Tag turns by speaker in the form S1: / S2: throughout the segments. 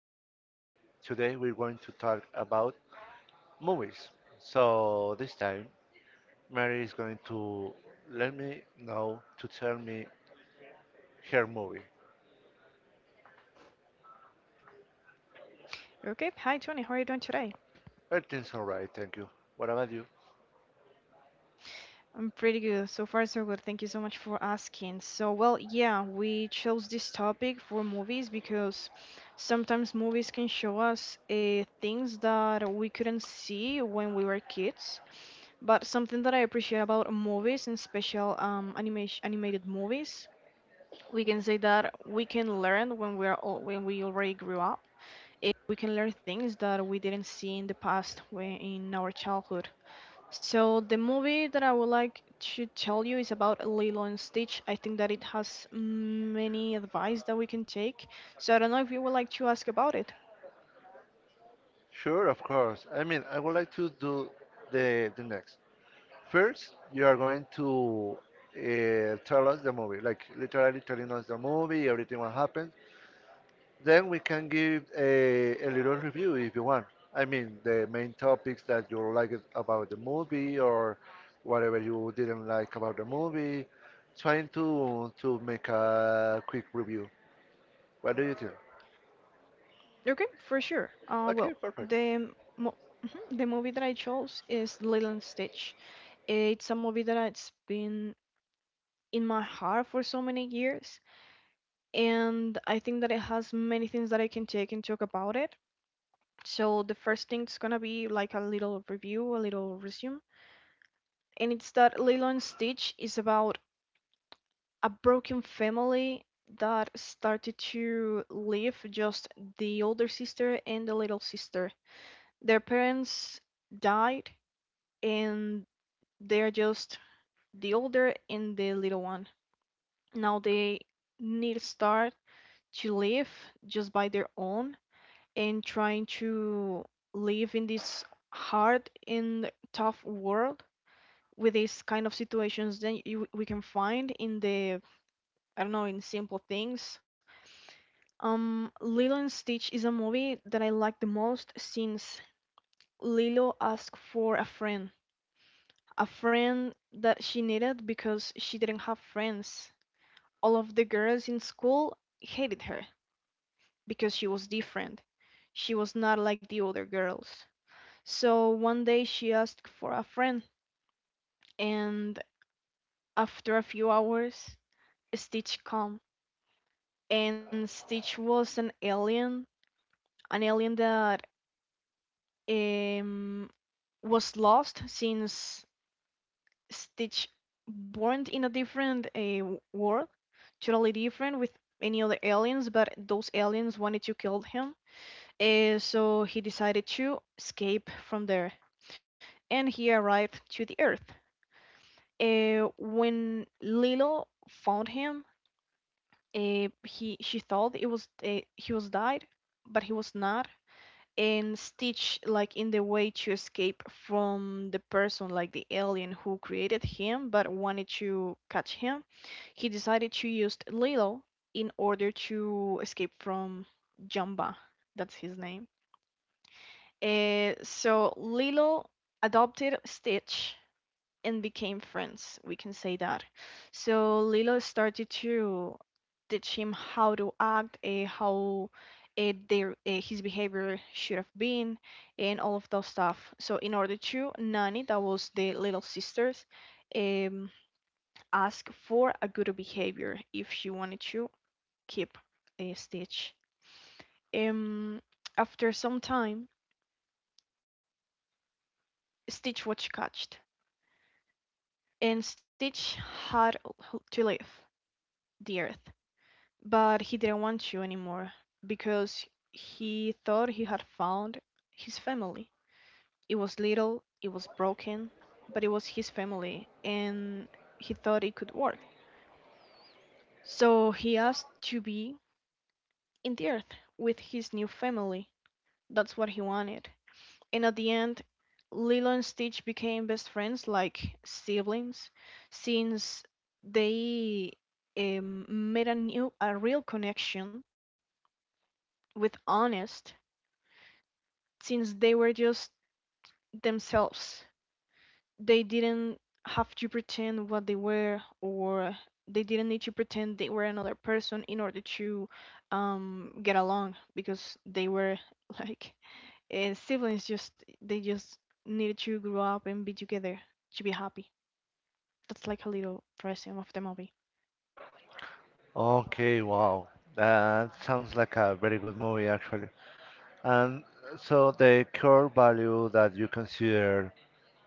S1: with Mary. Today we're going to talk about movies. So this time Mary is going to let me know to tell me her movie.
S2: Okay, hi Tony, how are you doing today?
S1: Everything's alright, thank you. What about you?
S2: I'm pretty good. So far, so good. Thank you so much for asking. So, well, yeah, we chose this topic for movies because sometimes movies can show us things that we couldn't see when we were kids. But something that I appreciate about movies and special animation animated movies, we can say that we can learn when we are when we already grew up. We can learn things that we didn't see in the past when in our childhood. So the movie that I would like to tell you is about Lilo and Stitch. I think that it has many advice that we can take. So I don't know if you would like to ask about it.
S1: Sure, of course. I mean, I would like to do the next. First, you are going to tell us the movie, like literally telling us the movie, everything what happened. Then we can give a little review if you want. I mean, the main topics that you liked about the movie or whatever you didn't like about the movie. Trying to make a quick review. What do you think?
S2: Okay, for sure.
S1: Okay, perfect.
S2: The mo mhm, the movie that I chose is Lilo and Stitch. It's a movie that it's been in my heart for so many years, and I think that it has many things that I can take and talk about it. So the first thing is gonna be like a little review, a little resume. And it's that Lilo and Stitch is about a broken family that started to live just the older sister and the little sister. Their parents died and they're just the older and the little one. Now they need to start to live just by their own and trying to live in this hard and tough world with these kind of situations that we can find in the I don't know, in simple things. Lilo and Stitch is a movie that I like the most since Lilo asked for a friend that she needed because she didn't have friends. All of the girls in school hated her because she was different. She was not like the other girls. So one day she asked for a friend, and after a few hours, Stitch come. And Stitch was an alien that um, was lost since Stitch born in a different world, totally different with any other aliens, but those aliens wanted to kill him. So he decided to escape from there and he arrived to the Earth. When Lilo found him, he she thought it was he was died, but he was not. And Stitch, like in the way to escape from the person, like the alien who created him but wanted to catch him, he decided to use Lilo in order to escape from Jumba. That's his name. So Lilo adopted Stitch and became friends. We can say that. So Lilo started to teach him how to act, how their his behavior should have been, and all of those stuff. So in order to Nani, that was the little sisters, um, ask for a good behavior if she wanted to keep Stitch. Um, After some time, Stitch was catched, and Stitch had to leave the Earth. But he didn't want you anymore because he thought he had found his family. It was little, it was broken, but it was his family and he thought it could work. So he asked to be in the earth with his new family. That's what he wanted. And at the end, Lilo and Stitch became best friends like siblings since they made a real connection with Honest since they were just themselves. They didn't have to pretend what they were, or they didn't need to pretend they were another person in order to get along because they were like siblings. Just needed to grow up and be together to be happy. That's like a little resume of the movie.
S1: Okay, wow. That sounds like a very good movie, actually. And so the core value that you consider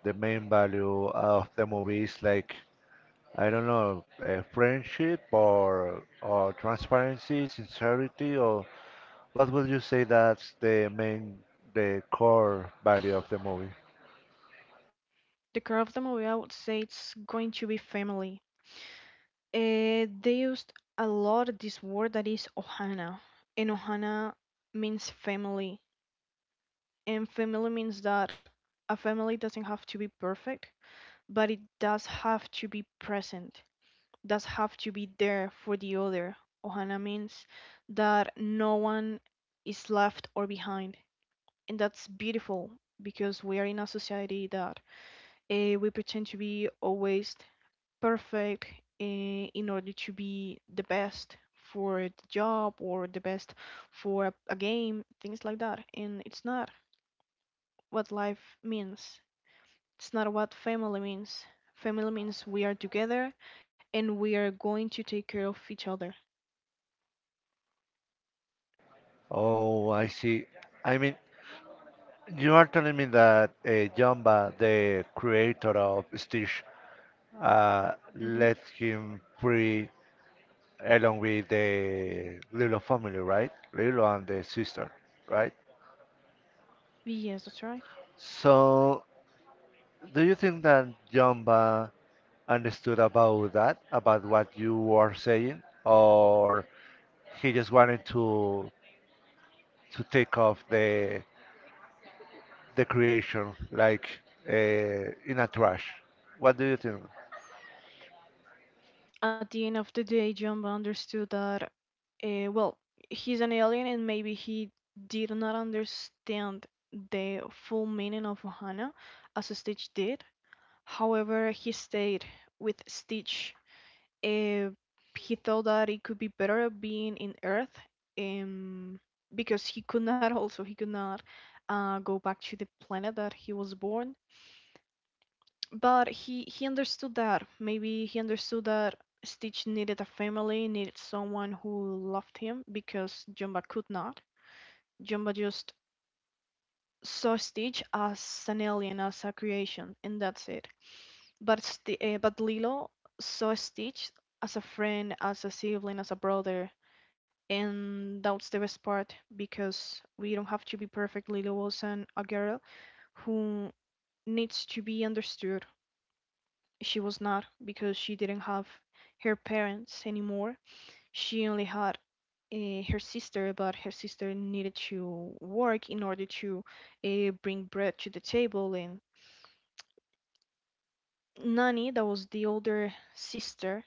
S1: the main value of the movie is like I don't know, friendship or transparency, sincerity, or what would you say that's the main, the core value of the movie?
S2: The core of the movie, I would say, it's going to be family. They used a lot this word that is ohana, and ohana means family, and family means that a family doesn't have to be perfect, but it does have to be present, does have to be there for the other. Ohana means that no one is left or behind, and that's beautiful because we are in a society that we pretend to be always perfect in order to be the best for the job or the best for a game, things like that. And it's not what life means. It's not what family means. Family means we are together and we are going to take care of each other.
S1: Oh, I see. I mean, you are telling me that Jumba, the creator of Stitch, let
S2: Hmm.
S1: him free along with the Lilo family, right? Lilo and the sister, right?
S2: Yes, that's right.
S1: So, do you think that Jumba understood about that, about what you were saying, or he just wanted to take off the creation like uh, in a trash? What do you think,
S2: At the end of the day, Jumba understood that, well, he's an alien and maybe he did not understand the full meaning of Ohana as Stitch did. However, he stayed with Stitch. Uh, he thought that it could be better being in Earth, um, because he could not also he could not go back to the planet that he was born. But he understood that maybe he understood that Stitch needed a family, needed someone who loved him because Jumba could not. Jumba just saw Stitch as an alien, as a creation, and that's it. But sti but Lilo saw Stitch as a friend, as a sibling, as a brother, and that's the best part because we don't have to be perfect. Lilo wasn't a girl who needs to be understood. She was not because she didn't have her parents anymore. She only had her sister, but her sister needed to work in order to bring bread to the table. And Nani, that was the older sister,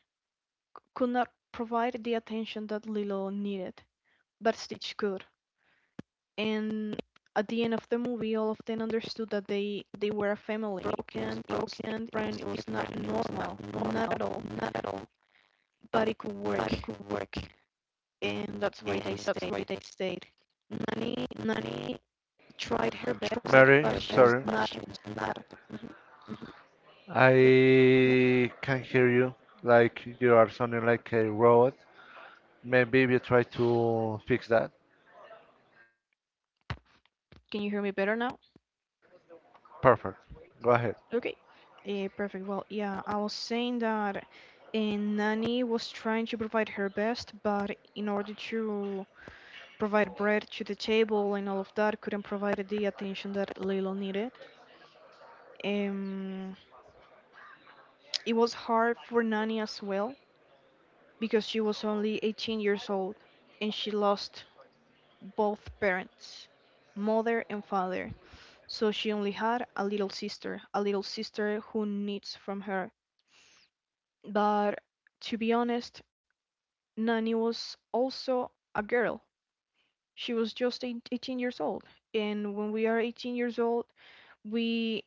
S2: could not provide the attention that Lilo needed, but Stitch could. And at the end of the movie, all of them understood that they were a family. Broken and friend was not normal, not at all, not at all. But it could work, but it could work, and that's why they stayed. That's why they stayed. Nani tried her best, tried but her
S1: Mary?
S2: she best, was
S1: Sorry,
S2: not. She was not. Mhm, mhm. Yep.
S1: I can hear you. Like you are sounding like a robot. Maybe we try to fix that.
S2: Can you hear me better now?
S1: Perfect. Go ahead.
S2: Okay. Perfect. Well, yeah, I was saying that and Nanny was trying to provide her best, but in order to provide bread to the table and all of that, couldn't provide the attention that Lilo needed. Um, it was hard for Nanny as well because she was only 18 years old and she lost both parents, mother and father. So she only had a little sister who needs from her. But to be honest, Nanny was also a girl. She was just 18 years old. And when we are 18 years old, we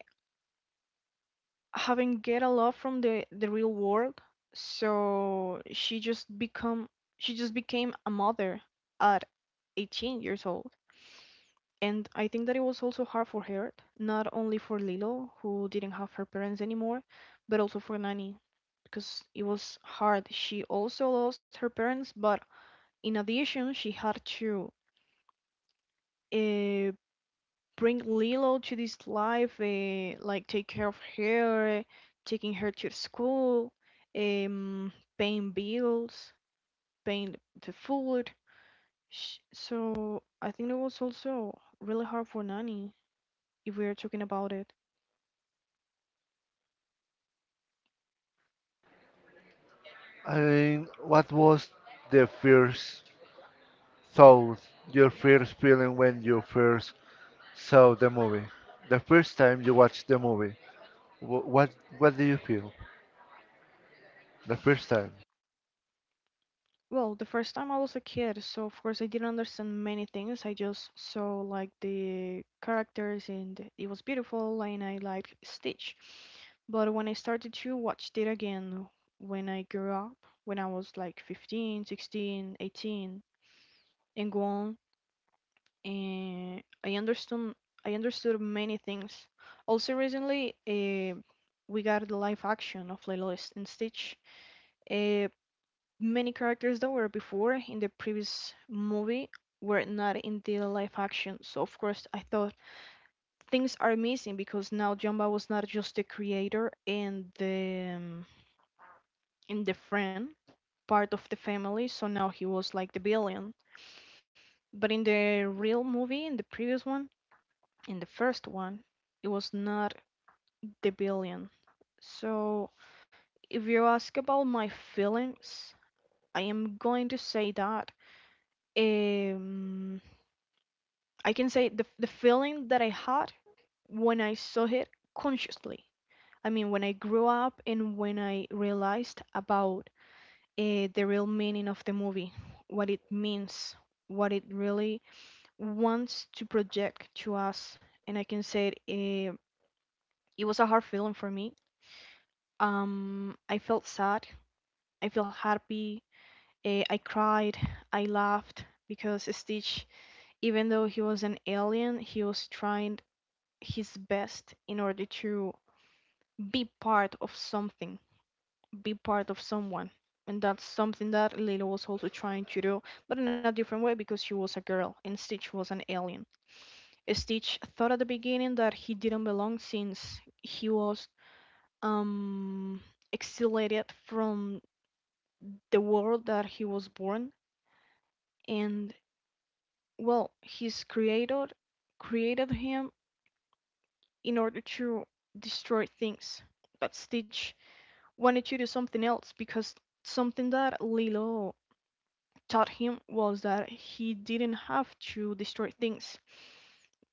S2: haven't get a lot from the real world. So she just became a mother at 18 years old. And I think that it was also hard for her, not only for Lilo, who didn't have her parents anymore, but also for Nanny, because it was hard. She also lost her parents, but in addition, she had to uh, bring Lilo to this life, like take care of her, taking her to school, um, paying bills, paying the food. So I think that was also really hard for Nani if we are talking about it.
S1: I mean, what was the first thought, your first feeling when you first So the movie, the first time you watch the movie, what what do you feel the first time?
S2: Well, the first time I was a kid, so of course I didn't understand many things. I just saw like the characters and it was beautiful and I liked Stitch. But when I started to watch it again when I grew up, when I was like 15, 16, 18 and go on, and I understood many things. Also recently, we got the live action of Lilo and Stitch. Uh, Many characters that were before in the previous movie were not in the live action. So of course I thought things are missing because now Jumba was not just the creator and the friend part of the family, so now he was like the villain. But in the real movie, in the previous one, in the first one, it was not the villain. So, if you ask about my feelings, I am going to say that. Um, I can say the feeling that I had when I saw it consciously. I mean, when I grew up and when I realized about the real meaning of the movie, what it means, what it really wants to project to us. And I can say it, it was a hard feeling for me. I felt sad, I felt happy, I cried, I laughed because Stitch, even though he was an alien, he was trying his best in order to be part of something, be part of someone. And that's something that Lila was also trying to do, but in a different way because she was a girl and Stitch was an alien. Stitch thought at the beginning that he didn't belong since he was um exiliated from the world that he was born, and well, his creator created him in order to destroy things. But Stitch wanted to do something else because something that Lilo taught him was that he didn't have to destroy things,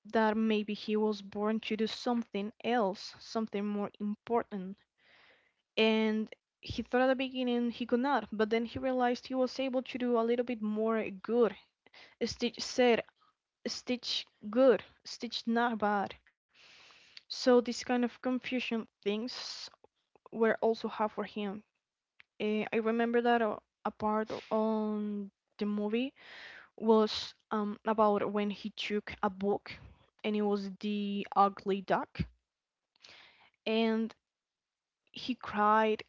S2: that maybe he was born to do something else, something more important. And he thought at the beginning he could not, but then he realized he was able to do a little bit more good. Stitch said, Stitch good, Stitch not bad. So this kind of confusion things were also hard for him. I remember that a part on the movie was about when he took a book and it was The Ugly Duck. And he cried,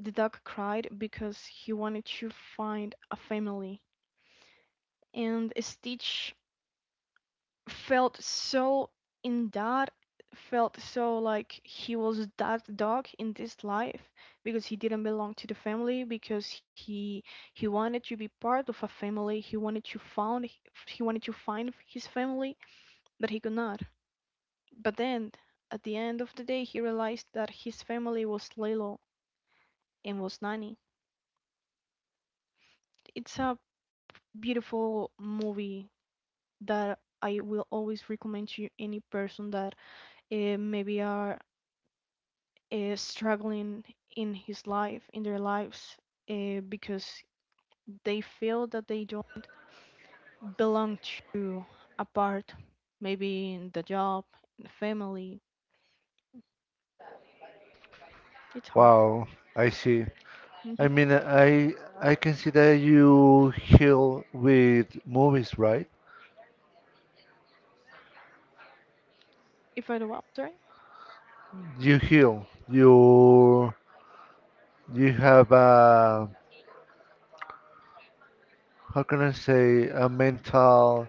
S2: the duck cried because he wanted to find a family. And Stitch felt so, in that, felt so like he was that dog in this life because he didn't belong to the family because he wanted to be part of a family, he wanted to found, he wanted to find his family, but he could not. But then, at the end of the day, he realized that his family was Lilo and was Nani. It's a beautiful movie that I will always recommend to any person that maybe are struggling in his life, in their lives, because they feel that they don't belong to a part, maybe in the job, in the family. It's hard.
S1: Wow, I see. I
S2: Hmm.
S1: mean, I can see that you heal with movies, right?
S2: If I do what? Sorry?
S1: You heal. You have a how can I say a mental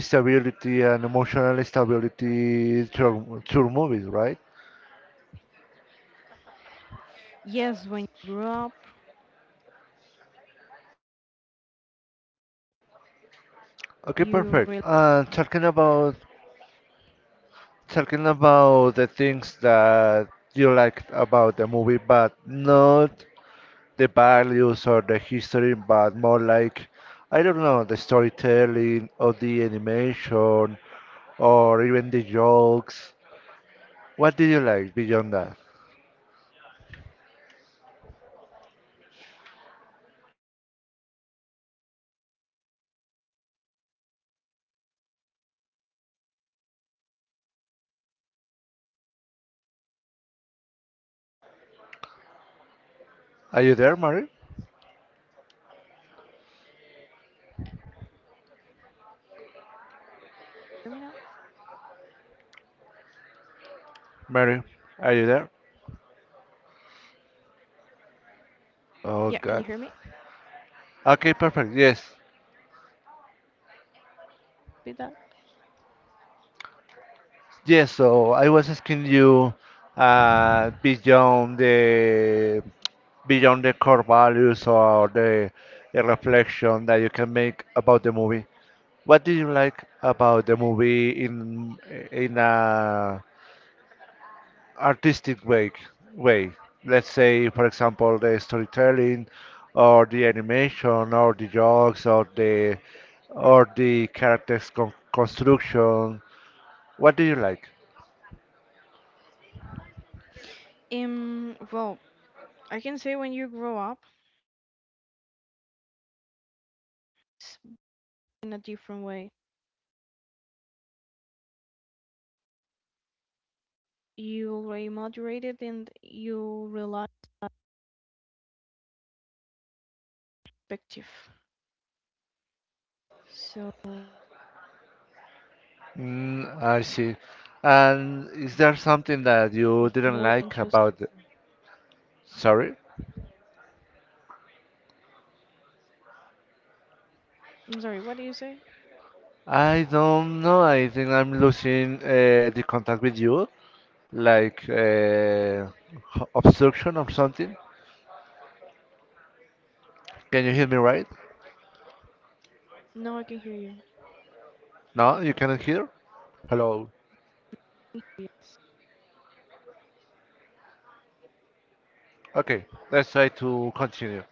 S1: stability and emotional stability through movies, right?
S2: Yes, when you grew up, you really
S1: Okay, perfect. Talking about talking about the things that you liked about the movie, but not the values or the history, but more like, I don't know, the storytelling or the animation or even the jokes. What did you like beyond that? Are you there, Mary?
S2: hear me now?
S1: Mary, are you there?
S2: Yeah, can you
S1: Oh,
S2: hear me?
S1: God. Okay, perfect. Yes.
S2: Be that.
S1: Yes, so I was asking you uh, beyond the beyond the core values or the reflection that you can make about the movie. What do you like about the movie in a artistic way? Way, let's say, for example, the storytelling, or the animation, or the jokes, or the characters construction. What do you like?
S2: Well, I can say when you grow up, it's in a different way. You already moderated and you realize perspective. So.
S1: Mm, I see. And is there something that you didn't
S2: More
S1: like
S2: than just.
S1: about the... Sorry?
S2: I'm sorry, what do you say?
S1: I don't know. I think I'm losing the contact with you, like h- obstruction or something. Can you hear me right?
S2: Now I can hear you.
S1: No, you cannot hear? Hello.
S2: Yes.
S1: Okay, let's try to continue.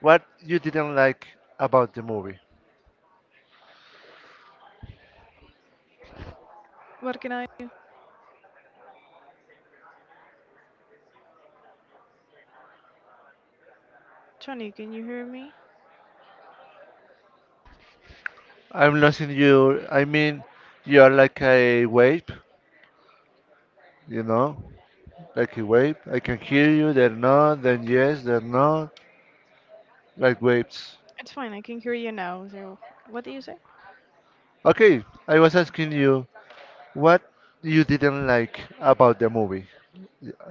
S1: What you didn't like about the movie?
S2: What can I do? Johnny, can you hear me?
S1: I'm losing you. I mean, you're like a wave, you know? Like a wave. I can hear you. They're not. Then yes. They're not. Like waves.
S2: It's fine, I can hear you now. So, what do you say?
S1: Okay. I was asking you what you didn't like about the movie.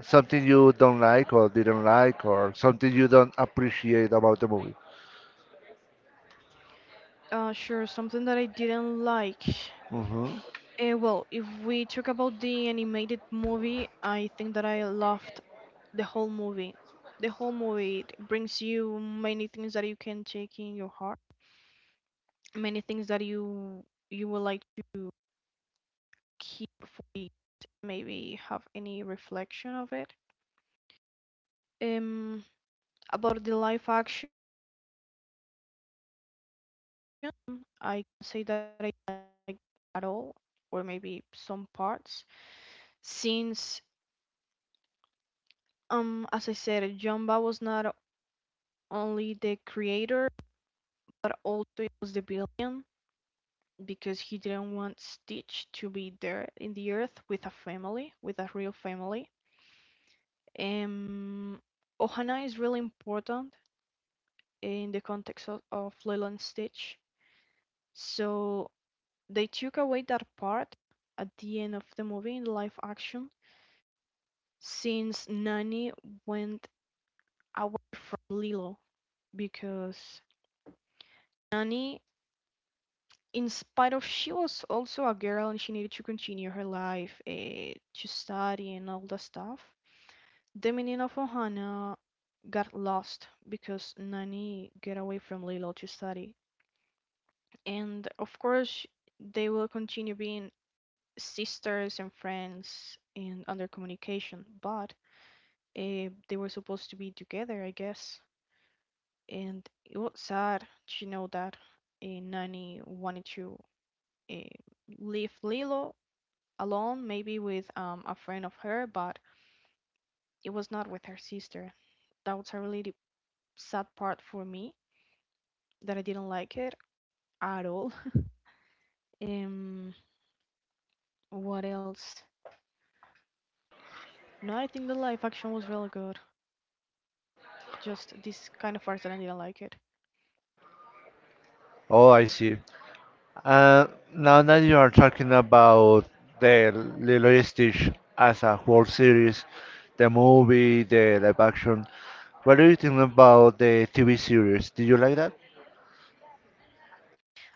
S1: Something you don't like or didn't like or something you don't appreciate about the movie.
S2: Sure, something that I didn't like.
S1: hmm
S2: Well, if we talk about the animated movie, I think that I loved the whole movie. The whole movie, it brings you many things that you can take in your heart, many things that you would like to keep for maybe have any reflection of it. Um, About the live action, I can say that I at all, or maybe some parts, since as I said, Jumba was not only the creator but also it was the villain, because he didn't want Stitch to be there in the earth with a family, with a real family. Um, Ohana is really important in the context of Lilo and Stitch, so they took away that part at the end of the movie in live action, since Nani went away from Lilo because Nani, in spite of she was also a girl and she needed to continue her life, to study and all that stuff, the meaning of Ohana got lost because Nani get away from Lilo to study, and of course they will continue being sisters and friends and under communication, but they were supposed to be together, I guess. And it was sad to know that Nani wanted to uh, leave Lilo alone, maybe with a friend of her, but it was not with her sister. That was a really sad part for me that I didn't like it at all. Um, what else? No, I think the live action was really good. Just this kind of part that I didn't like it.
S1: Oh, I see. Uh, now that you are talking about the Lilo and Stitch as a whole series, the movie, the live action, what do you think about the TV series? Did you like that?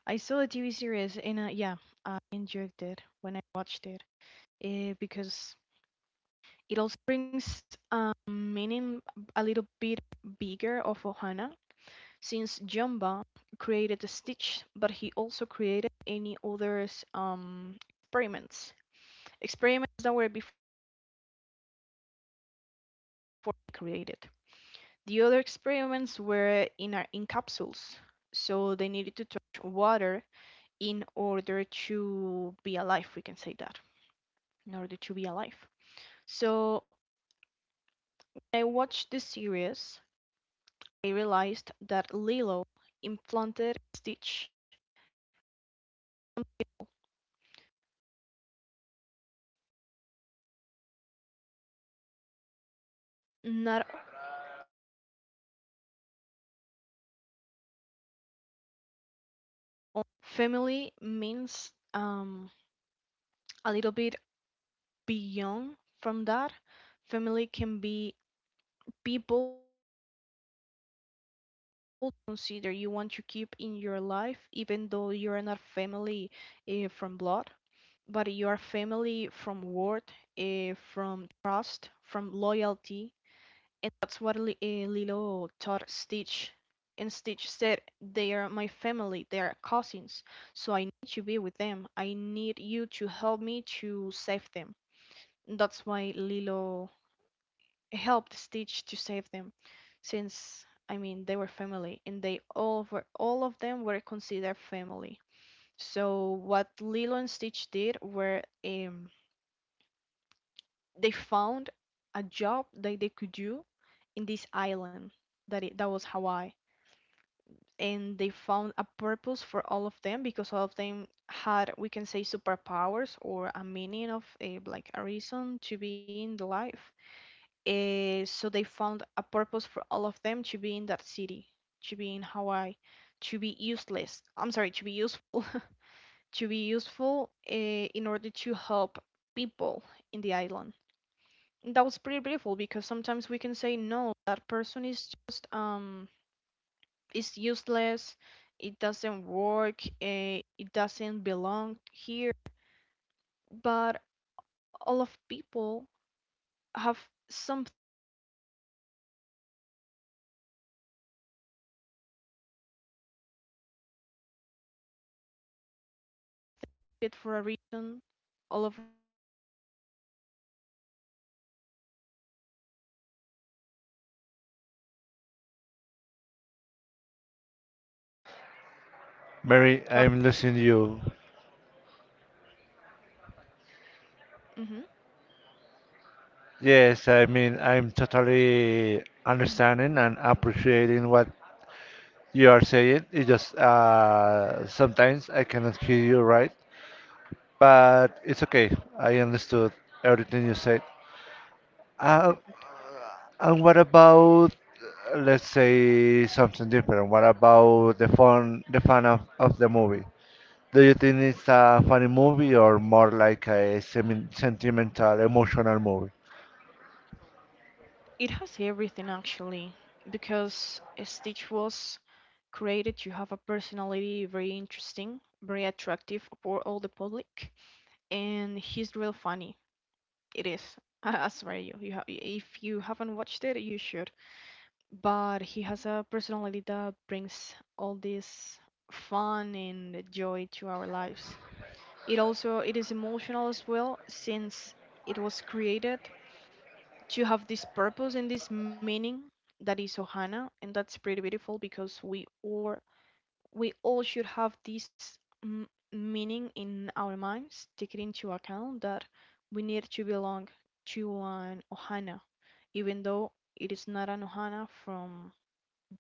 S2: I saw the TV series and yeah, I enjoyed it when I watched it. Because it also brings meaning a little bit bigger of Ohana, since Jumba created the Stitch, but he also created any other um, experiments, experiments that were before created. The other experiments were in our, in capsules, so they needed to touch water in order to be alive. We can say that in order to be alive. So when I watched the series, they realized that Lilo implanted Stitch. Not only family means a little bit beyond from that. Family can be people consider you want to keep in your life, even though you are not family from blood, but you are family from word, from trust, from loyalty. And that's what Lilo taught Stitch. And Stitch said, they are my family, they are cousins, so I need to be with them. I need you to help me to save them. That's why Lilo helped Stitch to save them, since I mean they were family and they all were all of them were considered family. So what Lilo and Stitch did were they found a job that they could do in this island that it, that was Hawaii, and they found a purpose for all of them because all of them had we can say superpowers or a meaning of a, like a reason to be in the life. So they found a purpose for all of them to be in that city, to be in Hawaii, to be useless, I'm sorry, to be useful. To be useful in order to help people in the island. That was pretty beautiful because sometimes we can say no, that person is just it's useless, it doesn't work, it doesn't belong here. But all of people have something for a reason. All of
S1: Mary, I'm listening to you.
S2: hmm
S1: Yes, I mean, I'm totally understanding and appreciating what you are saying. It's just sometimes I cannot hear you right, but it's okay. I understood everything you said. Uh, and what about, let's say, something different? What about the fun of the movie? Do you think it's a funny movie or more like a semi sentimental, emotional movie?
S2: it has everything actually, because Stitch was created to have a personality very interesting, very attractive for all the public, and he's real funny. It is. I swear you, if you haven't watched it, you should. But he has a personality that brings all this fun and joy to our lives. It also it is emotional as well since it was created to have this purpose and this meaning that is Ohana, and that's pretty beautiful because we all should have this meaning in our minds, take it into account that we need to belong to an Ohana, even though it is not an Ohana from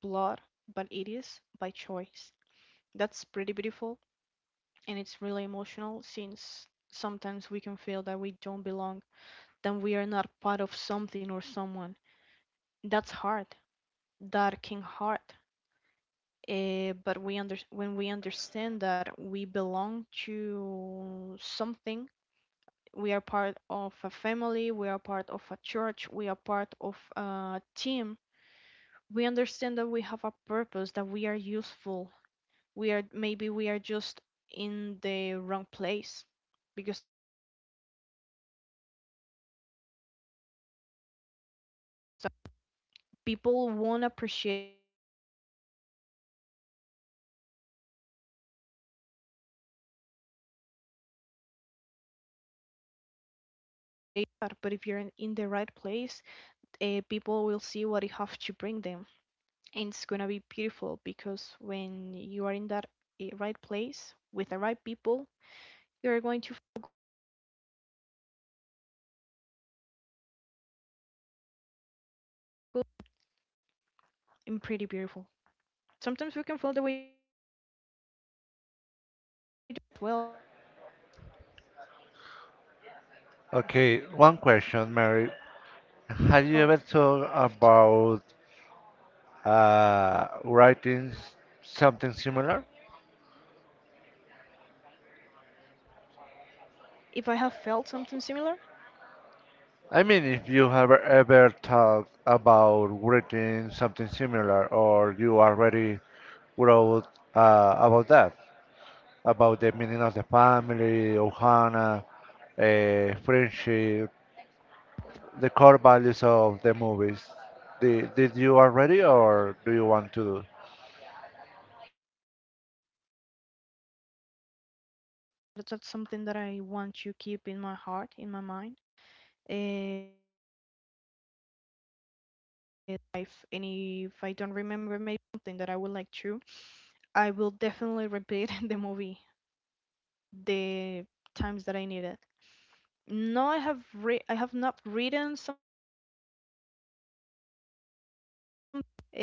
S2: blood, but it is by choice. That's pretty beautiful, and it's really emotional since sometimes we can feel that we don't belong, that we are not part of something or someone. That's hard. That can hurt. But we under when we understand that we belong to something, we are part of a family, we are part of a church, we are part of a team. We understand that we have a purpose, that we are useful, we are maybe we are just in the wrong place because people won't appreciate that. But if you're in the right place, people will see what you have to bring them, and it's gonna be beautiful because when you are in that, right place with the right people, you're going to feel good and pretty beautiful. Sometimes we can feel the way, well,
S1: Okay, one question, Mary. Have you ever
S2: loved.
S1: thought about uh, writing s- something similar?
S2: If I have felt something similar,
S1: I mean, if you have ever thought about writing something similar, or you already wrote about that, about the meaning of the family, Ohana, friendship, the core values of the movies. Did you already, or do you want to do?
S2: that's something that I want to keep in my heart, in my mind. Eh Life, and if I don't remember maybe something that I would like to, I will definitely repeat the movie the times that I need it. No, I have not written some.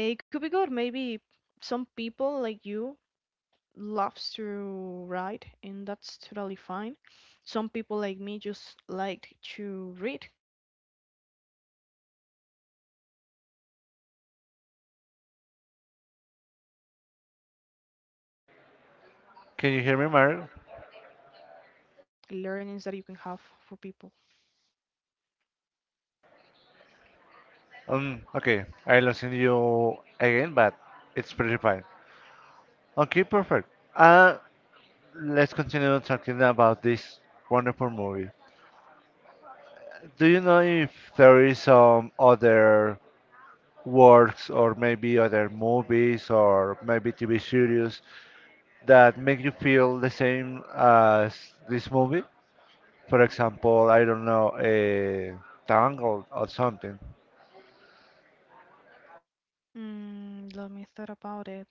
S2: It could be good maybe. Some people like you loves to write, and that's totally fine. Some people like me just like to read
S1: Can you hear me, Mary?
S2: learnings that you can have for people.
S1: Okay, I'll send you again, but it's pretty fine. Okay, perfect. Uh, let's continue talking about this wonderful movie. Do you know if there is some other works or maybe other movies or maybe TV series that make you feel the same as this movie? For example, I don't know, a Tangled or something.
S2: Mm, let me thought about it.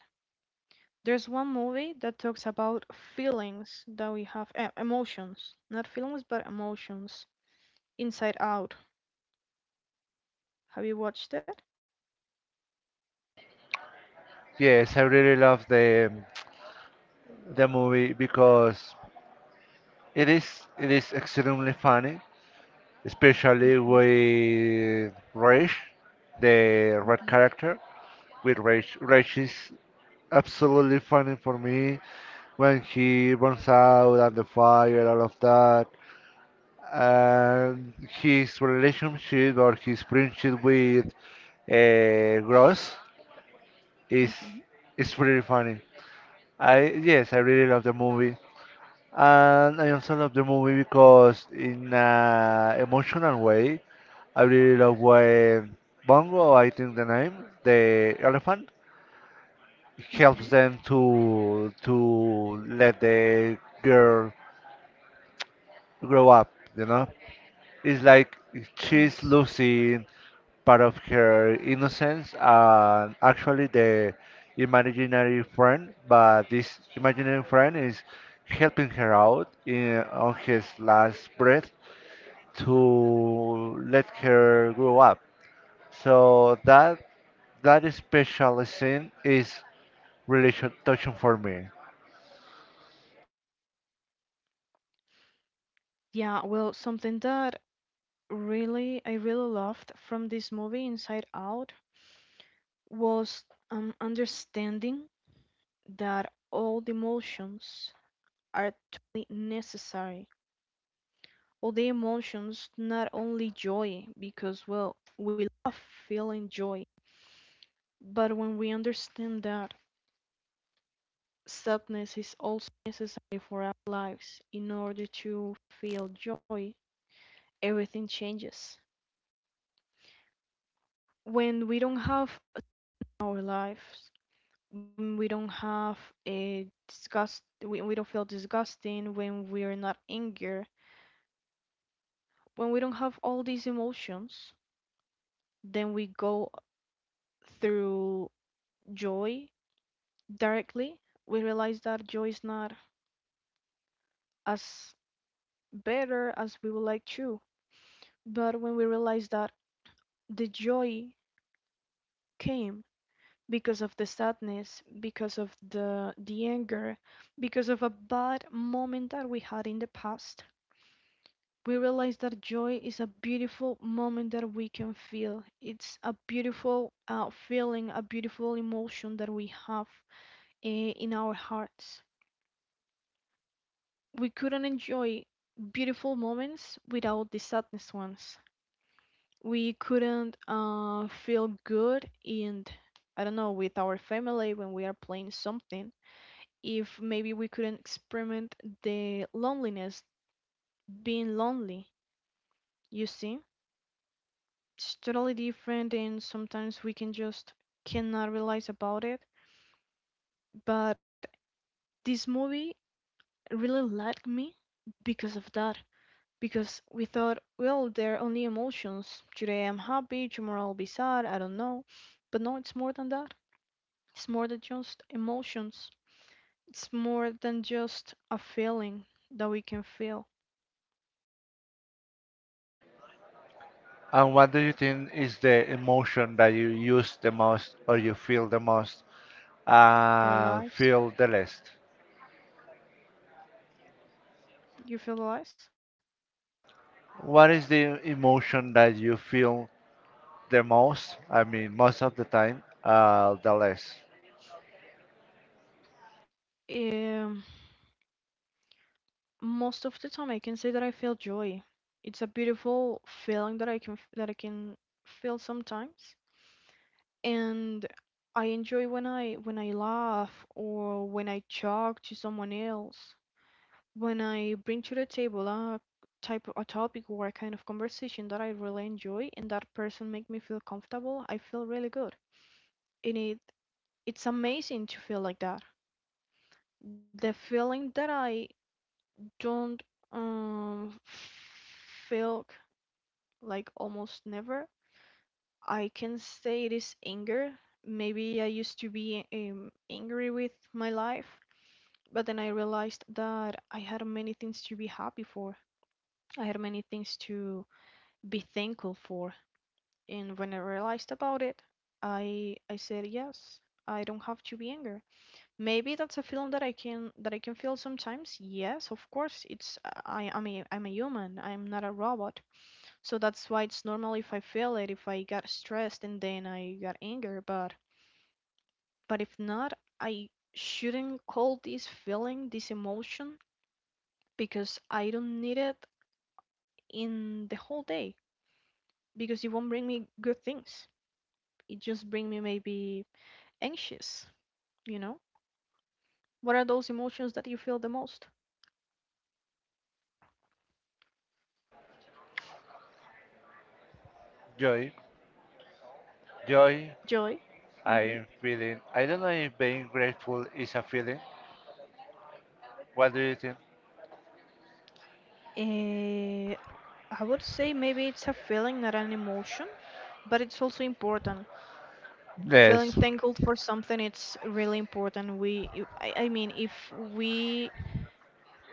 S2: There's one movie that talks about feelings that we have, emotions, not feelings, but emotions. Inside Out. Have you watched it?
S1: Yes, I really love the movie because it is extremely funny, especially
S2: Mm-hmm,
S1: with Rage, the red
S2: mm-hmm,
S1: character. With Rage, Rage is absolutely funny for me when he burns out and the fire, all of that, and his relationship or his friendship with Gross is
S2: mm-hmm,
S1: is pretty funny. I yes, I really love the movie. And I also love the movie because, in an emotional way, I really love when Bongo, I think the name, the elephant,
S2: mm-hmm.
S1: helps them to let the girl grow up. You know, it's like she's
S2: Yes.
S1: losing part of her innocence and actually the imaginary friend, but this imaginary friend is helping her out in on his last breath to let her grow up. So that that special scene is really touching for me.
S2: Yeah, well, something that really I really loved from this movie, Inside Out, was understanding that all the emotions are totally necessary, all the emotions, not only joy, because, well, we love feeling joy. But when we understand that sadness is also necessary for our lives in order to feel joy, everything changes. When we don't have our lives, when we don't have a disgust, when we don't feel disgusting, when we are not anger, when we don't have all these emotions, then we go through joy directly, we realize that joy is not as better as we would like to. But when we realize that the joy came because of the sadness, because of the anger, because of a bad moment that we had in the past, we realize that joy is a beautiful moment that we can feel. It's a beautiful feeling, a beautiful emotion that we have in our hearts. We couldn't enjoy beautiful moments without the sadness ones. We couldn't feel good in, I don't know, with our family when we are playing something. If maybe we couldn't experiment the loneliness, being lonely, you see? It's totally different, and sometimes we can just cannot realize about it. But this movie really liked me because of that. Because we thought, well, they're only emotions. Today I'm happy, tomorrow I'll be sad, I don't know. But no, it's more than that. It's more than just emotions, it's more than just a feeling that we can feel
S1: And what do you think is the emotion that you use the most or you feel the most
S2: in our lives.
S1: feel the least?
S2: You feel the lives?
S1: What is the emotion that you feel the most? I mean, most of the time, the less.
S2: Um, Most of the time, I can say that I feel joy. It's a beautiful feeling that I can feel sometimes, and I enjoy when I laugh or when I talk to someone else, when I bring to the table a topic or a kind of conversation that I really enjoy and that person make me feel comfortable, I feel really good. And it's amazing to feel like that. The feeling that I don't um feel like almost never. I can say it is anger. Maybe I used to be angry with my life, but then I realized that I had many things to be happy for. I had many things to be thankful for. And when I realized about it, I said yes. I don't have to be angry. Maybe that's a feeling that I can feel sometimes. Yes, of course. It's I mean I'm a human. I'm not a robot. So that's why it's normal if I feel it, if I got stressed and then I got angry. But if not, I shouldn't call this feeling, this emotion, because I don't need it in the whole day because it won't bring me good things. It just bring me maybe anxious, you know? What are those emotions that you feel the most?
S1: Joy, joy.
S2: Joy? Hmm.
S1: I'm feeling. I don't know if being grateful is a feeling. What do you think?
S2: Eh, I would say maybe it's a feeling, not an emotion, but it's also important. Feeling
S1: Yes.
S2: thankful for something, it's really important. I mean,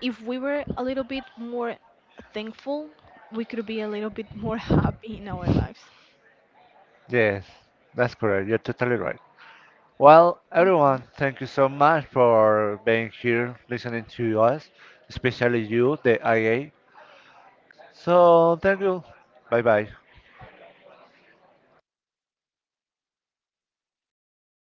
S2: if we were a little bit more thankful, we could be a little bit more happy in our lives.
S1: Yes, that's correct. You're totally right. Well,
S2: Mhm.
S1: everyone, thank you so much for being here, listening to us, especially you, the IA. So, thank you. Bye bye.